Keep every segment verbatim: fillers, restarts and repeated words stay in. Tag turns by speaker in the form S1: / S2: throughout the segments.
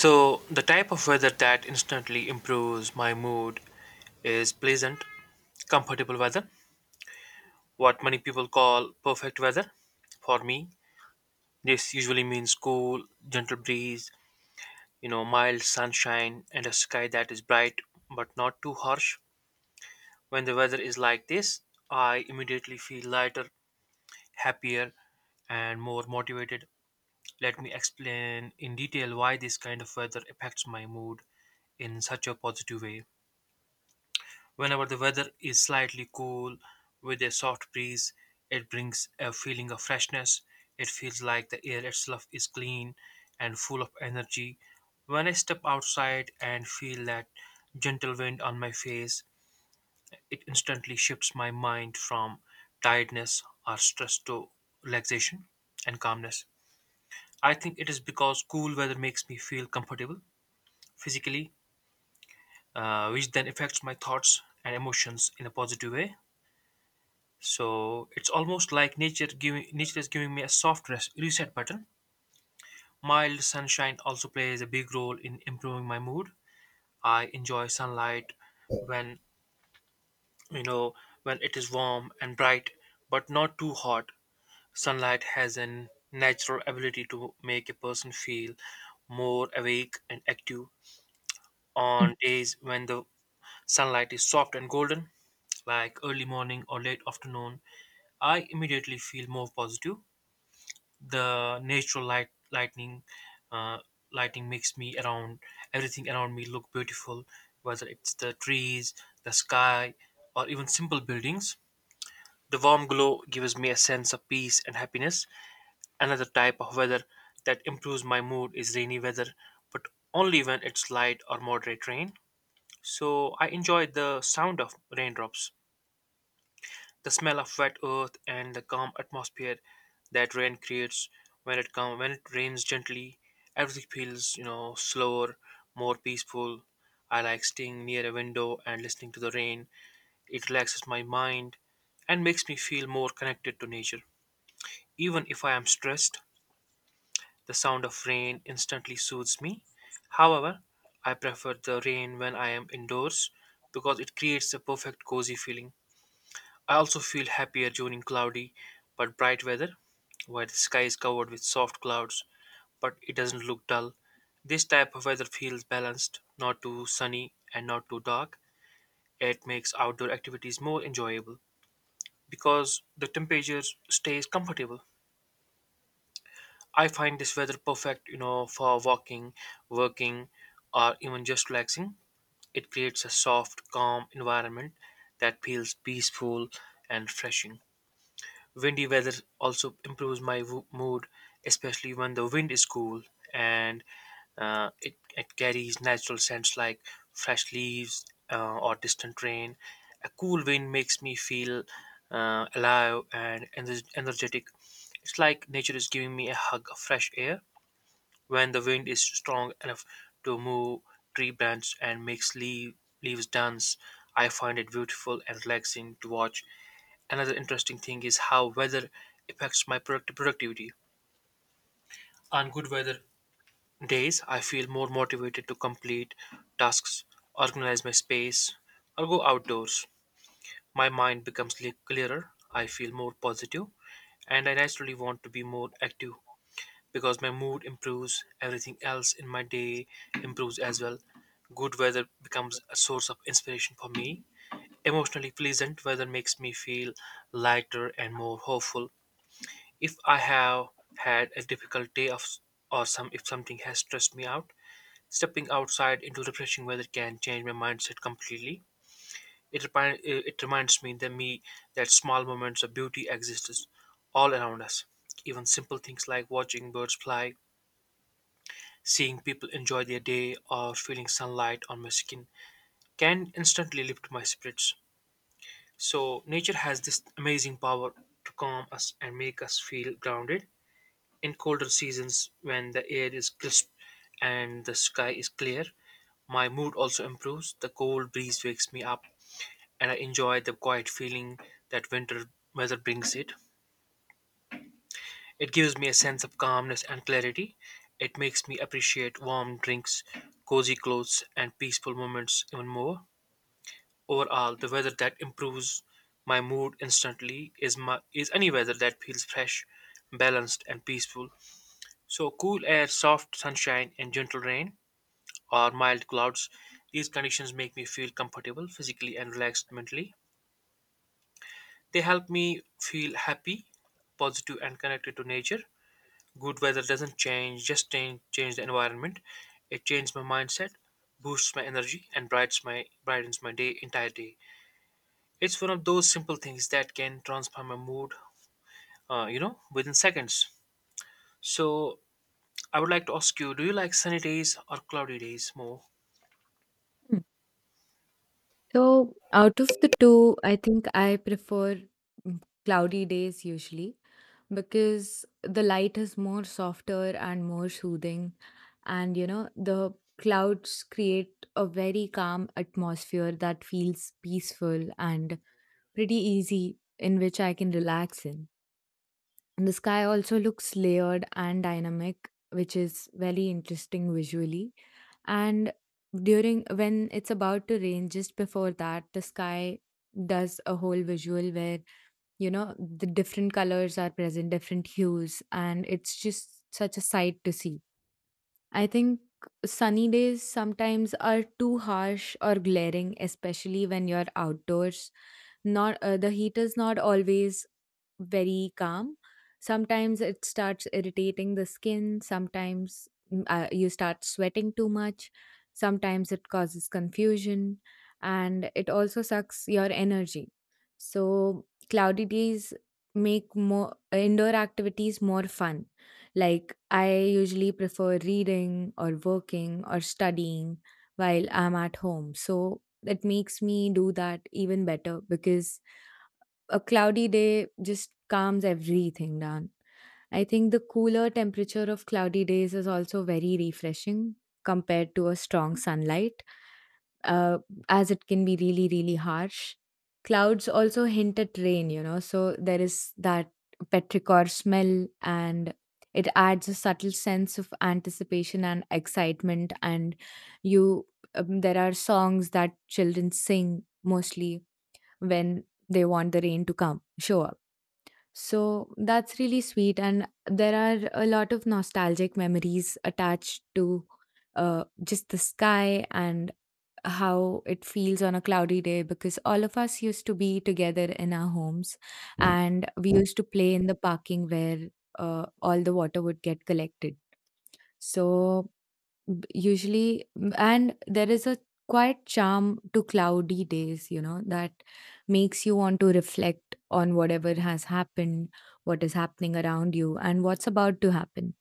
S1: So, the type of weather that instantly improves my mood is pleasant, comfortable weather, what many people call perfect weather. For me, this usually means cool, gentle breeze, you know, mild sunshine, and a sky that is bright but not too harsh. When the weather is like this, I immediately feel lighter, happier, and more motivated. Let me explain in detail why this kind of weather affects my mood in such a positive way. Whenever the weather is slightly cool with a soft breeze, it brings a feeling of freshness. It feels like the air itself is clean and full of energy. When I step outside and feel that gentle wind on my face, it instantly shifts my mind from tiredness or stress to relaxation and calmness. I think it is because cool weather makes me feel comfortable physically, uh, which then affects my thoughts and emotions in a positive way. So it's almost like nature giving nature is giving me a soft res- reset button. Mild sunshine also plays a big role in improving my mood. I enjoy sunlight when you know when it is warm and bright, but not too hot. Sunlight has a natural ability to make a person feel more awake and active. On days when the sunlight is soft and golden, like early morning or late afternoon, I immediately feel more positive. The natural light lightning uh, lighting makes me around everything around me look beautiful, whether it's the trees, the sky, or even simple buildings. The warm glow gives me a sense of peace and happiness. Another type of weather that improves my mood is rainy weather, but only when it's light or moderate rain. So I enjoy the sound of raindrops, the smell of wet earth, and the calm atmosphere that rain creates. When it come when it rains gently, everything feels you know slower, more peaceful. I like staying near a window and listening to the rain. It relaxes my mind and makes me feel more connected to nature. Even if I am stressed, the sound of rain instantly soothes me. However, I prefer the rain when I am indoors because it creates a perfect cozy feeling. I also feel happier during cloudy but bright weather, where the sky is covered with soft clouds but it doesn't look dull. This type of weather feels balanced, not too sunny and not too dark. It makes outdoor activities more enjoyable because the temperature stays comfortable. I find this weather perfect, you know, for walking, working, or even just relaxing. It creates a soft, calm environment that feels peaceful and refreshing. Windy weather also improves my wo- mood, especially when the wind is cool and uh, it, it carries natural scents like fresh leaves, uh, or distant rain. A cool wind makes me feel uh, alive and ener- energetic. It's like nature is giving me a hug of fresh air when the wind is strong enough to move tree branches and makes leaf, leaves dance. I find it beautiful and relaxing to watch. Another interesting thing is how weather affects my product- productivity. On good weather days, I feel more motivated to complete tasks, organize my space, or go outdoors. My mind becomes le- clearer, I feel more positive, and I naturally want to be more active. Because my mood improves, everything else in my day improves as well. Good weather becomes a source of inspiration for me. Emotionally, pleasant weather makes me feel lighter and more hopeful. If I have had a difficult day of or some if something has stressed me out, stepping outside into refreshing weather can change my mindset completely. It, repi- it reminds me that me that small moments of beauty exist all around us. Even simple things like watching birds fly, seeing people enjoy their day, or feeling sunlight on my skin can instantly lift my spirits. So, nature has this amazing power to calm us and make us feel grounded. In colder seasons, when the air is crisp and the sky is clear, my mood also improves. The cold breeze wakes me up, and I enjoy the quiet feeling that winter weather brings it. It gives me a sense of calmness and clarity. It makes me appreciate warm drinks, cozy clothes, and peaceful moments even more. Overall, the weather that improves my mood instantly is my, is any weather that feels fresh, balanced, and peaceful. So, cool air, soft sunshine, and gentle rain, or mild clouds, these conditions make me feel comfortable physically and relaxed mentally. They help me feel happy, positive, and connected to nature. Good weather doesn't change, just change, change the environment. It changes my mindset, boosts my energy, and brightens my brightens my day entire day. It's one of those simple things that can transform my mood, uh, you know, within seconds. So I would like to ask you: do you like sunny days or cloudy days more?
S2: So, out of the two, I think I prefer mm, cloudy days usually because the light is more softer and more soothing. And, you know, the clouds create a very calm atmosphere that feels peaceful and pretty easy, in which I can relax in. And the sky also looks layered and dynamic, which is very interesting visually, and during when it's about to rain just before that, the sky does a whole visual where, you know, the different colors are present, different hues, and it's just such a sight to see. I think sunny days sometimes are too harsh or glaring, especially when you're outdoors. Not uh, the heat is not always very calm. Sometimes it starts irritating the skin, sometimes mm, uh, you start sweating too much, sometimes it causes confusion, and it also sucks your energy. So cloudy days make more indoor activities more fun. Like, I usually prefer reading or working or studying while I'm at home, so that makes me do that even better because a cloudy day just calms everything down. I think the cooler temperature of cloudy days is also very refreshing compared to a strong sunlight, uh, as it can be really, really harsh. Clouds also hint at rain, you know, so there is that petrichor smell, and it adds a subtle sense of anticipation and excitement. And you, um, there are songs that children sing mostly when they want the rain to come, show up, so that's really sweet. And there are a lot of nostalgic memories attached to uh, just the sky and how it feels on a cloudy day, because all of us used to be together in our homes and we used to play in the parking where uh, all the water would get collected. So B- usually m- and there is a quite charm to cloudy days, you know, that makes you want to reflect on whatever has happened, what is happening around you, and what's about to happen.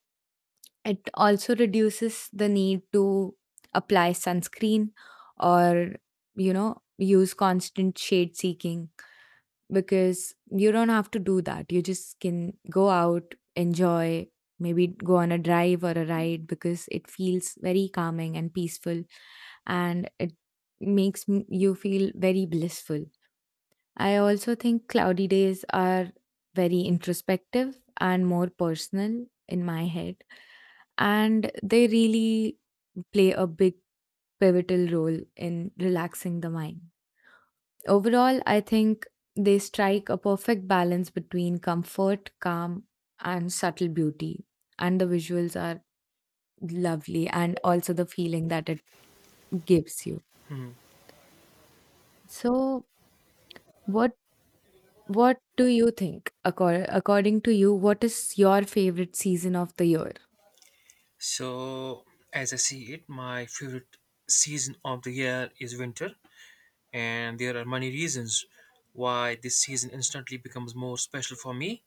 S2: It also reduces the need to apply sunscreen or, you know, use constant shade seeking, because you don't have to do that. You just can go out, enjoy, maybe go on a drive or a ride because it feels very calming and peaceful, and it makes m- you feel very blissful. I also think cloudy days are very introspective and more personal in my head, and they really play a big pivotal role in relaxing the mind. Overall, I think they strike a perfect balance between comfort, calm, and subtle beauty. And the visuals are lovely, and also the feeling that it gives you. So, what what do you think? Accor- according to you, what is your favorite season of the year?
S1: So, as I see it, my favorite season of the year is winter, and there are many reasons why this season instantly becomes more special for me.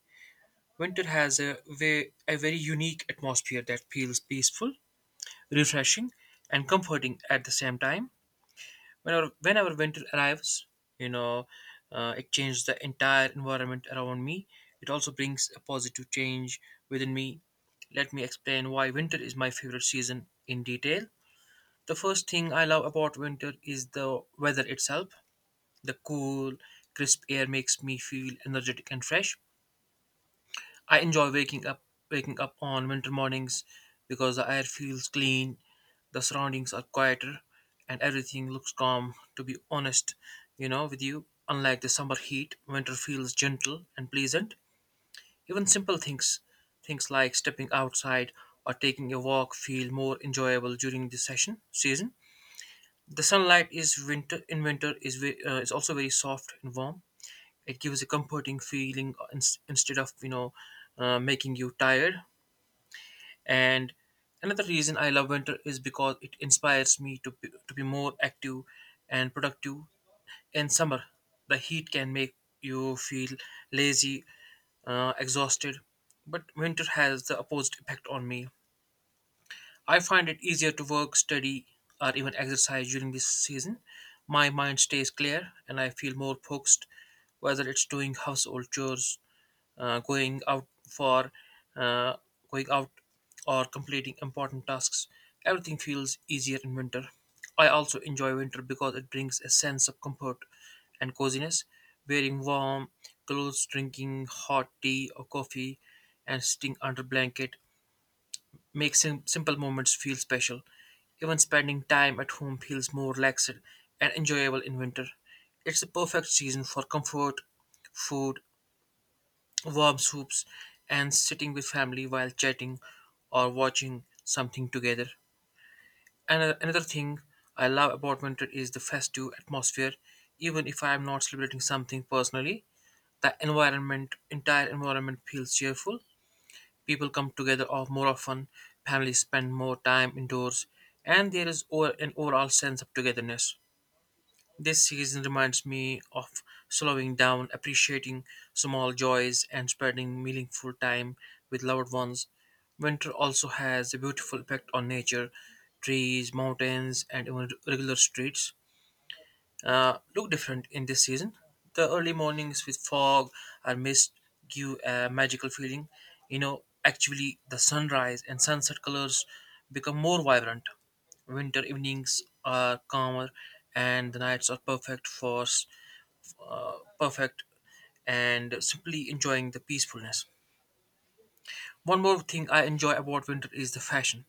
S1: Winter has a, ve- a very unique atmosphere that feels peaceful, refreshing, and comforting at the same time. Whenever, whenever winter arrives, you know, uh, it changes the entire environment around me. It also brings a positive change within me. Let me explain why winter is my favorite season in detail. The first thing I love about winter is the weather itself. The cool, crisp air makes me feel energetic and fresh. I enjoy waking up waking up on winter mornings because the air feels clean, the surroundings are quieter, and everything looks calm. To be honest, you know, with you, unlike the summer heat, winter feels gentle and pleasant. Even simple things, things like stepping outside or taking a walk, feel more enjoyable during this session season. The sunlight is winter in winter is ve- uh, is also very soft and warm. It gives a comforting feeling uh, ins- instead of you know uh, making you tired. And another reason I love winter is because it inspires me to be, to be more active and productive. In summer, the heat can make you feel lazy, uh, exhausted, but winter has the opposite effect on me. I find it easier to work, study, or even exercise during this season. My mind stays clear and I feel more focused, whether it's doing household chores, uh, going out for uh, going out, or completing important tasks. Everything feels easier in winter. I also enjoy winter because it brings a sense of comfort and coziness. Wearing warm clothes, drinking hot tea or coffee, and sitting under blanket makes sim- simple moments feel special. Even spending time at home feels more relaxed and enjoyable in winter. It's the perfect season for comfort food, warm soups, and sitting with family while chatting or watching something together. And another thing I love about winter is the festive atmosphere. Even if I am not celebrating something personally, the environment, entire environment feels cheerful. People come together of- more often, families spend more time indoors, and there is o- an overall sense of togetherness. This season reminds me of slowing down, appreciating small joys, and spending meaningful time with loved ones. Winter also has a beautiful effect on nature: trees, mountains, and even regular streets uh, look different in this season. The early mornings with fog or mist give a magical feeling. You know, actually, the sunrise and sunset colors become more vibrant. Winter evenings are calmer, and the nights are perfect for s- uh, perfect and simply enjoying the peacefulness. One more thing I enjoy about winter is the fashion.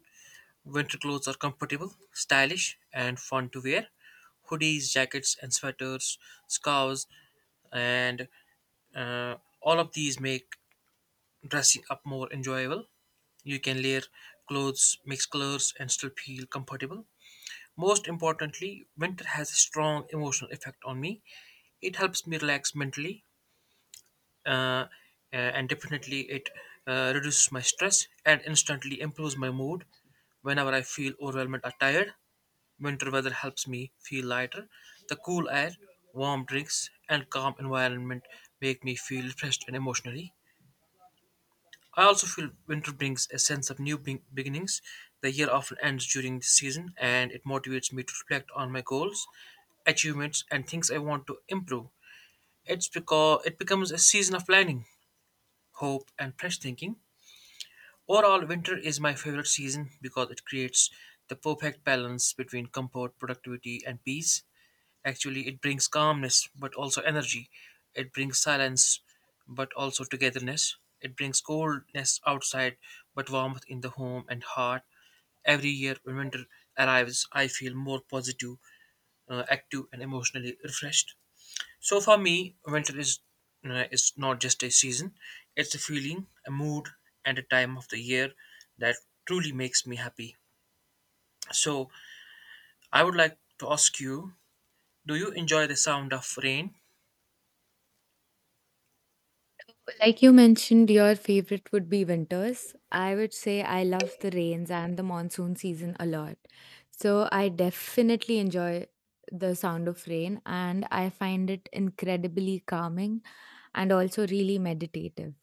S1: Winter clothes are comfortable, stylish, and fun to wear. Hoodies, jackets, and sweaters, scarves, and uh, all of these make dressing up more enjoyable. You can layer clothes, mix colors, and still feel comfortable. Most importantly, winter has a strong emotional effect on me. It helps me relax mentally, uh, uh, and definitely it uh, reduces my stress and instantly improves my mood. Whenever I feel overwhelmed or tired, winter weather helps me feel lighter. The cool air, warm drinks, and calm environment make me feel refreshed and emotionally. I also feel winter brings a sense of new be- beginnings. The year often ends during this season, and it motivates me to reflect on my goals, achievements, and things I want to improve. It's because it becomes a season of planning, hope, and fresh thinking. Overall, winter is my favorite season because it creates the perfect balance between comfort, productivity, and peace. Actually, it brings calmness, but also energy. It brings silence, but also togetherness. It brings coldness outside, but warmth in the home and heart. Every year when winter arrives, I feel more positive, uh, active, and emotionally refreshed. So for me, winter is uh, is not just a season; it's a feeling, a mood, and a time of the year that truly makes me happy. So I would like to ask you: do you enjoy the sound of rain?
S2: Like you mentioned, your favorite would be winters. I would say I love the rains and the monsoon season a lot. So I definitely enjoy the sound of rain, and I find it incredibly calming and also really meditative.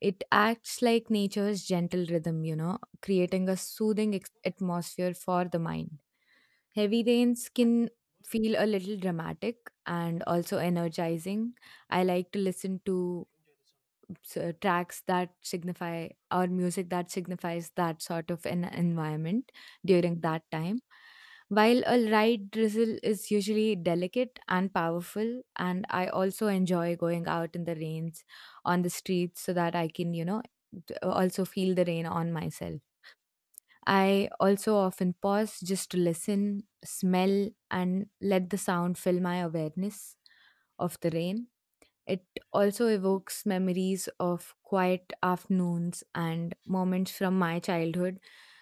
S2: It acts like nature's gentle rhythm, you know, creating a soothing ex- atmosphere for the mind. Heavy rains can feel a little dramatic and also energizing. I like to listen to so tracks that signify, or music that signifies, that sort of an environment during that time. While a light drizzle is usually delicate and powerful, and I also enjoy going out in the rains on the streets so that I can, you know, d- uh, also feel the rain on myself. I also often pause just to listen, smell, and let the sound fill my awareness of the rain. It also evokes memories of quiet afternoons and moments from my childhood,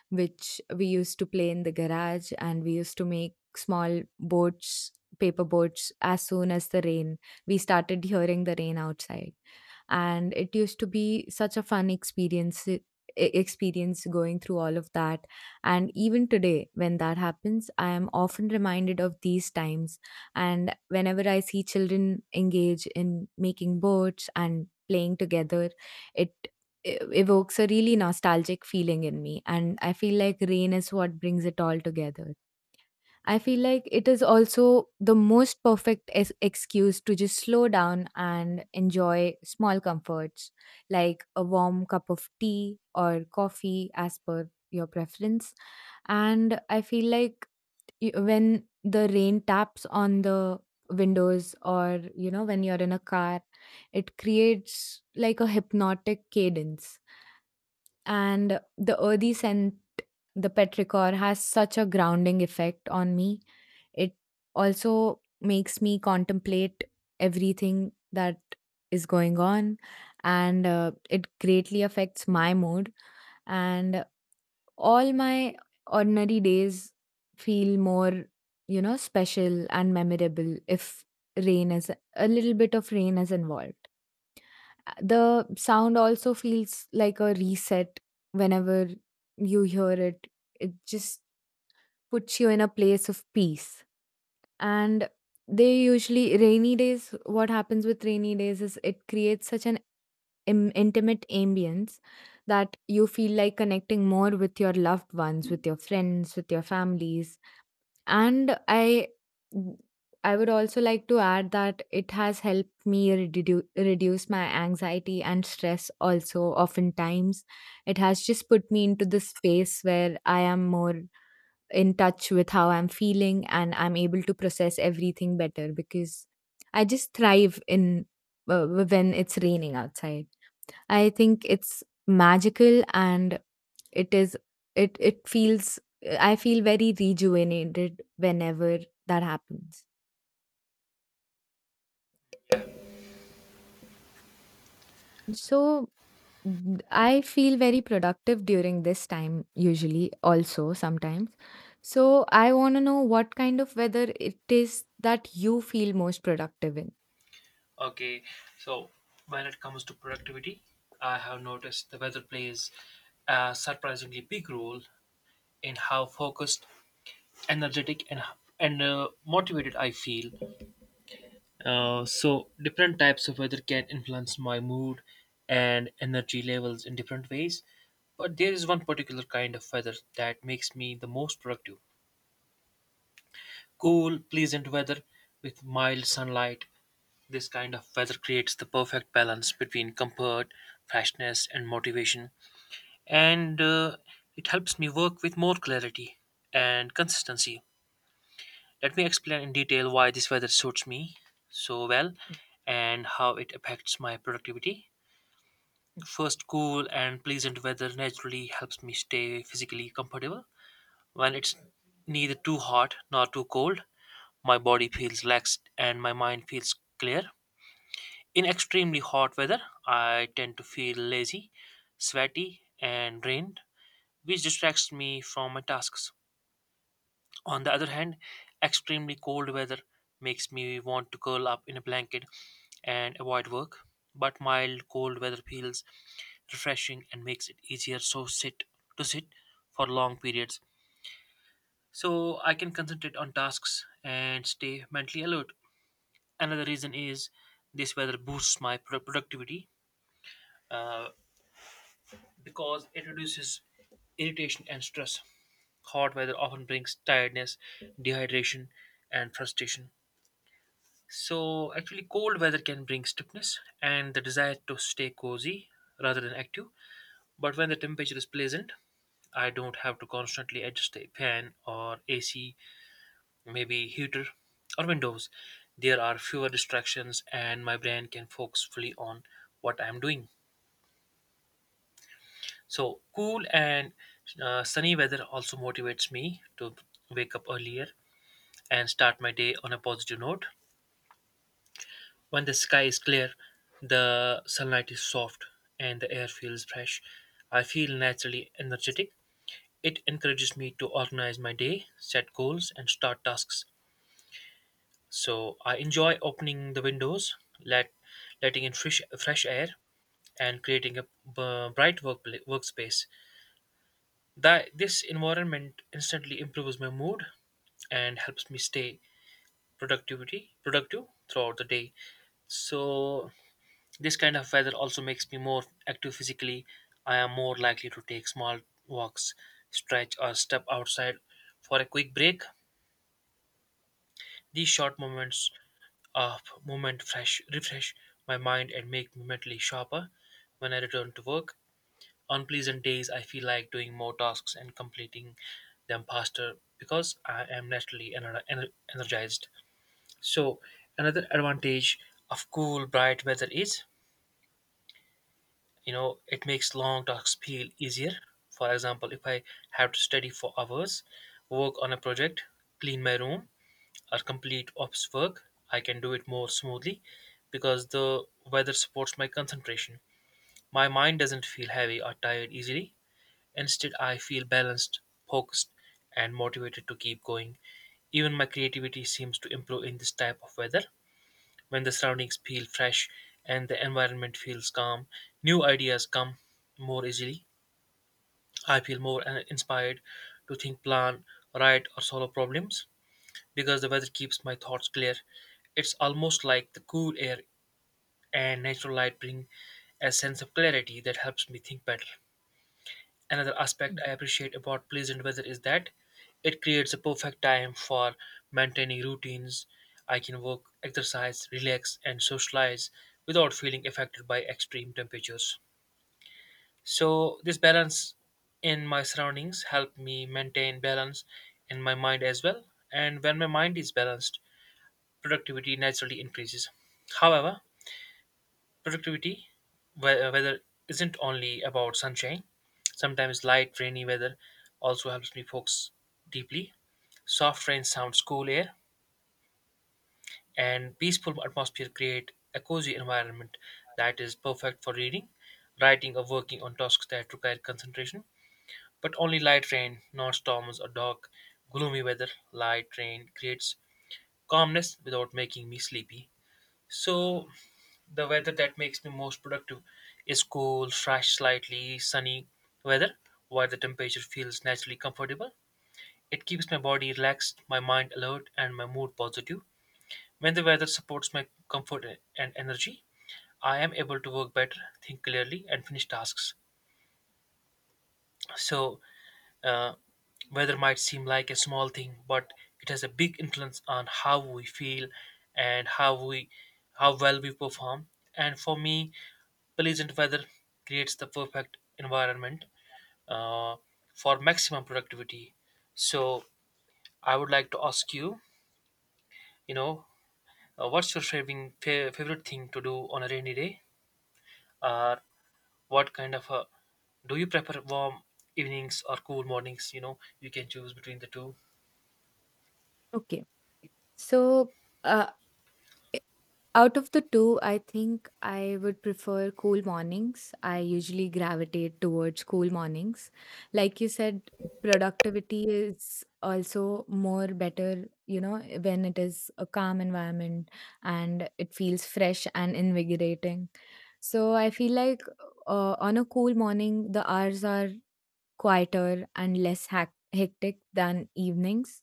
S2: which we used to play in the garage, and we used to make small boats, paper boats, as soon as the rain, we started hearing the rain outside. And it used to be such a fun experience. e- e, Experience going through all of that, and even today, when that happens, I am often reminded of these times. And whenever I see children engage in making boats and playing together, it e- evokes a really nostalgic feeling in me. And I feel like rain is what brings it all together. I feel like it is also the most perfect es- excuse to just slow down and enjoy small comforts like a warm cup of tea or coffee as per your preference. And I feel like y- when the rain taps on the windows, or you know, when you're in a car, it creates like a hypnotic cadence, and the earthy scent, the petrichor, has such a grounding effect on me. It also makes me contemplate everything that is going on, and uh, it greatly affects my mood. And all my ordinary days feel more, you know, special and memorable if rain is, a little bit of rain is involved. Uh, The sound also feels like a reset whenever you hear it. It just puts you in a place of peace. And they usually, rainy days, what happens with rainy days is it creates such an Im- intimate ambience that you feel like connecting more with your loved ones, with your friends, with your families. And I I would also like to add that it has helped me redu- reduce my anxiety and stress also oftentimes. It has just put me into this space where I am more in touch with how I'm feeling, and I'm able to process everything better because I just thrive in, uh, when it's raining outside. I think it's magical, and it is it it feels I feel very rejuvenated whenever that happens. So Mm, I feel very productive during this time, usually, also sometimes. So, I want to know what kind of weather it is that you feel most productive in.
S1: Okay, so when it comes to productivity, I have noticed the weather plays a surprisingly big role in how focused, energetic, and and uh, motivated I feel. Uh, so different types of weather can influence my mood and energy levels in different ways. But there is one particular kind of weather that makes me the most productive. Cool, pleasant weather with mild sunlight. This kind of weather creates the perfect balance between comfort, freshness, and motivation, and uh, it helps me work with more clarity and consistency. Let me explain in detail why this weather suits me so well and how it affects my productivity.
S2: Mm.
S1: First, cool and pleasant weather naturally helps me stay physically comfortable. When it's neither too hot nor too cold, my body feels relaxed and my mind feels clear. In extremely hot weather, I tend to feel lazy, sweaty, and drained, which distracts me from my tasks. On the other hand, extremely cold weather makes me want to curl up in a blanket and avoid work, but mild cold weather feels refreshing and makes it easier so sit to sit for long periods, so I can concentrate on tasks and stay mentally alert. Another reason is this weather boosts my pro- productivity, uh, because it reduces irritation and stress. Hot weather often brings tiredness, dehydration, and frustration. So, actually, cold weather can bring stiffness and the desire to stay cozy rather than active. But when the temperature is pleasant, I don't have to constantly adjust the fan or A C, maybe heater or windows. There are fewer distractions, and my brain can focus fully on what I am doing. So cool and uh, sunny weather also motivates me to wake up earlier and start my day on a positive note. When the sky is clear, the sunlight is soft and the air feels fresh. I feel naturally energetic. It encourages me to organize my day, set goals, and start tasks. So I enjoy opening the windows, let letting in fresh fresh air, and creating a b- bright work workspace. That this environment instantly improves my mood and helps me stay productivity productive throughout the day. So this kind of weather also makes me more active physically. I am more likely to take small walks, stretch, or step outside for a quick break. These short moments of movement fresh refresh my mind and make me mentally sharper when I return to work. On pleasant days, I feel like doing more tasks and completing them faster because I am naturally ener- ener- energized. So, another advantage of cool, bright weather is, you know, it makes long tasks feel easier. For example, if I have to study for hours, work on a project, clean my room, or complete office work, I can do it more smoothly because the weather supports my concentration. My mind doesn't feel heavy or tired easily. Instead, I feel balanced, focused, and motivated to keep going. Even my creativity seems to improve in this type of weather. When the surroundings feel fresh and the environment feels calm, new ideas come more easily. I feel more uh, inspired to think, plan, write, or solve problems because the weather keeps my thoughts clear. It's almost like the cool air and natural light bring a sense of clarity that helps me think better. Another
S2: ご視聴あり
S1: aspect
S2: が
S1: I
S2: とう
S1: appreciate about pleasant weather is that it creates a perfect time for maintaining routines. I can work, exercise, relax, and socialize without feeling affected by extreme temperatures. So, this balance in my surroundings help me maintain balance in my mind as well. And when my mind is balanced, productivity naturally increases. However, Productivity, we- uh, weather isn't only about sunshine. Sometimes light, rainy weather also helps me focus deeply. Soft rain sounds, cool air, and peaceful atmosphere create a cozy environment that is perfect for reading, writing, or working on tasks that require concentration. But only light rain, not storms or dark, gloomy weather. Light rain creates calmness without making me sleepy. So the weather that makes me most productive is cool, fresh, slightly sunny weather, while the temperature feels naturally comfortable. It keeps my body relaxed, my mind alert, and my mood positive. When the weather supports my comfort and energy, I am able to work better, think clearly, and finish tasks. So, uh, weather might seem like a small thing, but it has a big influence on how we feel and how we how well we perform. And for me, pleasant weather creates the perfect environment uh, for maximum productivity. So I would like to ask you, you know, uh, what's your favorite favorite thing to do on a rainy day, or what kind of a, do you prefer warm evenings or cool mornings? You know, you can choose between the two.
S2: ございました Out of the two, I think I would prefer cool mornings. I usually gravitate towards cool mornings. Like you said, productivity is also more better, you know, when it is a calm environment and it feels fresh and invigorating. So I feel like, uh, on a cool morning, the hours are quieter and less hac- hectic than evenings.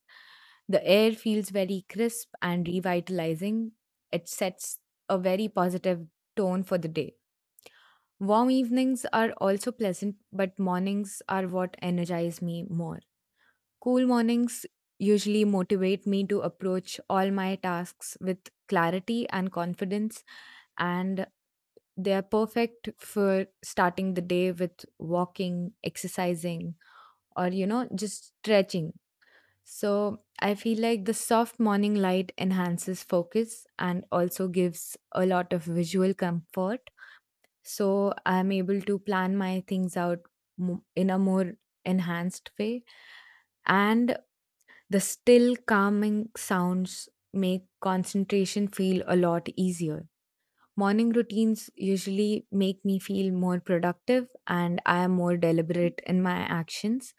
S2: The air feels very crisp and revitalizing. It sets a very positive tone for the day. Warm evenings are also pleasant, but mornings are what energize me more. Cool mornings usually motivate me to approach all my tasks with clarity and confidence, and they are perfect for starting the day with walking, exercising, or, you know, just stretching. So I feel like the soft morning light enhances focus and also gives a lot of visual comfort, so I'm able to plan my things out mo- in a more enhanced way. And the still calming sounds make concentration feel a lot easier. Morning routines usually make me feel more productive, and I am more deliberate in my actions.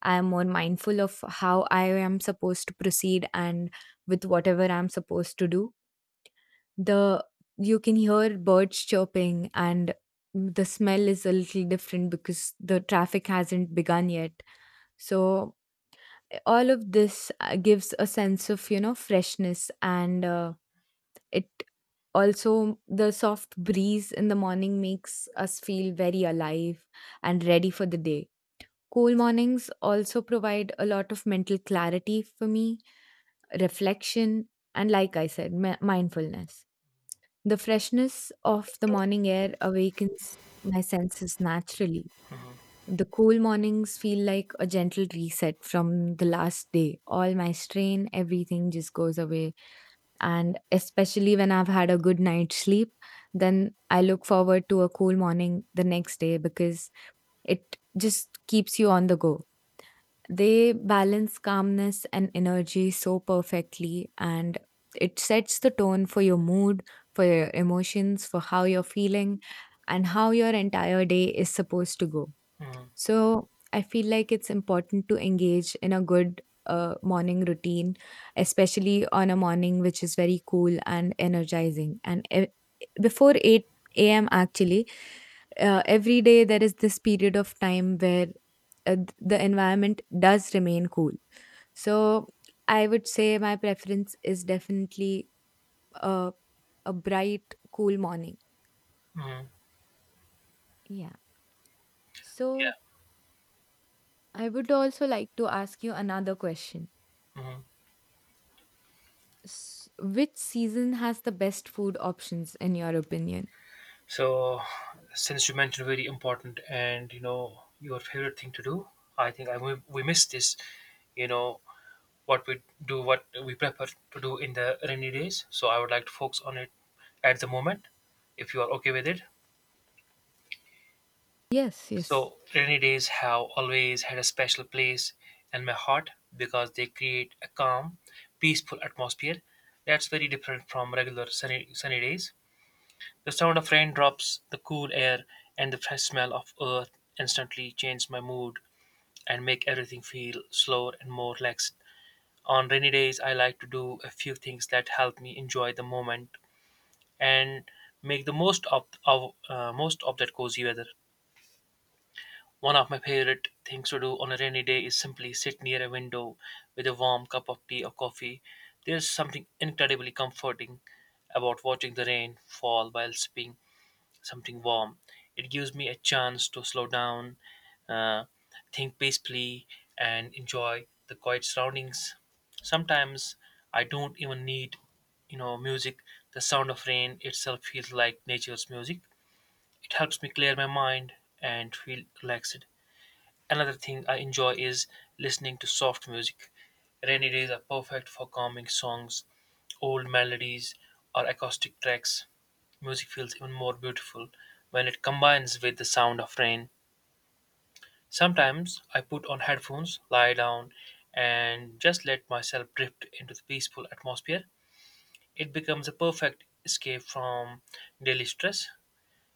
S2: I am more mindful of how I am supposed to proceed and with whatever I'm supposed to do. The you can hear birds chirping, and the smell is a little different because the traffic hasn't begun yet. So all of this uh, gives a sense of, you know, freshness. And uh, it, also the soft breeze in the morning makes us feel very alive and ready for the day. Cool mornings also provide a lot of mental clarity for me, reflection, and like I said, mi- mindfulness. The freshness of the morning air awakens my senses naturally.
S1: Mm-hmm.
S2: The cool mornings feel like a gentle reset from the last day. All my strain, everything just goes away. And especially when I've had a good night's sleep, then I look forward to a cool morning the next day because it just keeps you on the go. They balance calmness and energy so perfectly, and it sets the tone for your mood, for your emotions, for how you're feeling, and how your entire day is supposed to go.
S1: Mm-hmm.
S2: So, I feel like it's important to engage in a good uh, morning routine, especially on a morning which is very cool and energizing. And e- before eight a m, actually, uh, every day there is this period of time where, uh, th- the environment does remain cool. So I would say my preference is definitely a, a bright, cool morning.
S1: Mm-hmm.
S2: Yeah. So
S1: Yeah.
S2: I would also like to ask you another question.
S1: Mm-hmm.
S2: S- which season has the best food options in your opinion?
S1: So, since you mentioned very important and you know your favorite thing to do, I think I we, we missed this. You know, what we do, what we prefer to do in the rainy days. So I would like to focus on it at the moment, if you are okay with it.
S2: Yes, yes.
S1: So rainy days have always had a special place in my heart because they create a calm, peaceful atmosphere that's very different from regular sunny, sunny days. The sound of raindrops, the cool air, and the fresh smell of earth instantly change my mood and make everything feel slower and more relaxed. On rainy days, I like to do a few things that help me enjoy the moment and make the most of, of uh, most of that cozy weather. One of my favorite things to do on a rainy day is simply sit near a window with a warm cup of tea or coffee. There's something incredibly comforting about watching the rain fall while sipping something warm. It gives me a chance to slow down, uh, think peacefully, and enjoy the quiet surroundings. Sometimes I don't even need, you know, music. The sound of rain itself feels like nature's music. It helps me clear my mind and feel relaxed. Another thing I enjoy is listening to soft music. Rainy days are perfect for calming songs, old melodies, or acoustic tracks. Music feels even more beautiful when it combines with the sound of rain. Sometimes I put on headphones, lie down, and just let myself drift into the peaceful atmosphere. It becomes a perfect escape from daily stress.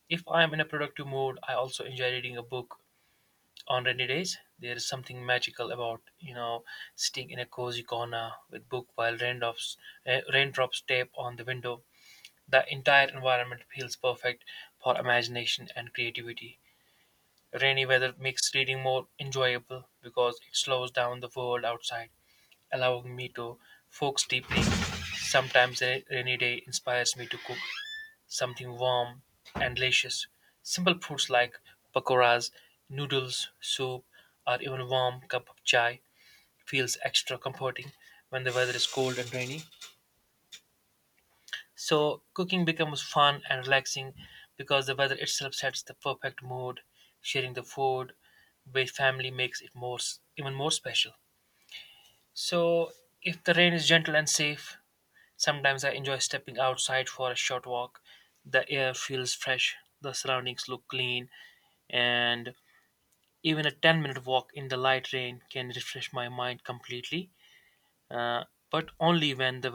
S1: If I am in a productive mood, I also enjoy reading a book on rainy days. There is something magical about, you know, sitting in a cozy corner with book while raindrops uh, raindrops tape on the window. The entire environment feels perfect for imagination and creativity. Rainy weather makes reading more enjoyable because it slows down the world outside, allowing me to focus deeply. Sometimes a rainy day inspires me to cook something warm and delicious. Simple foods like pakoras, noodles, soup, or even a warm cup of chai feels extra comforting when the weather is cold and rainy. So cooking becomes fun and relaxing because the weather itself sets the perfect mood. Sharing the food with family makes it more even more special. So if the rain is gentle and safe, sometimes I enjoy stepping outside for a short walk. The air feels fresh, the surroundings look clean, and even a ten minute walk in the light rain can refresh my mind completely, uh, but only when the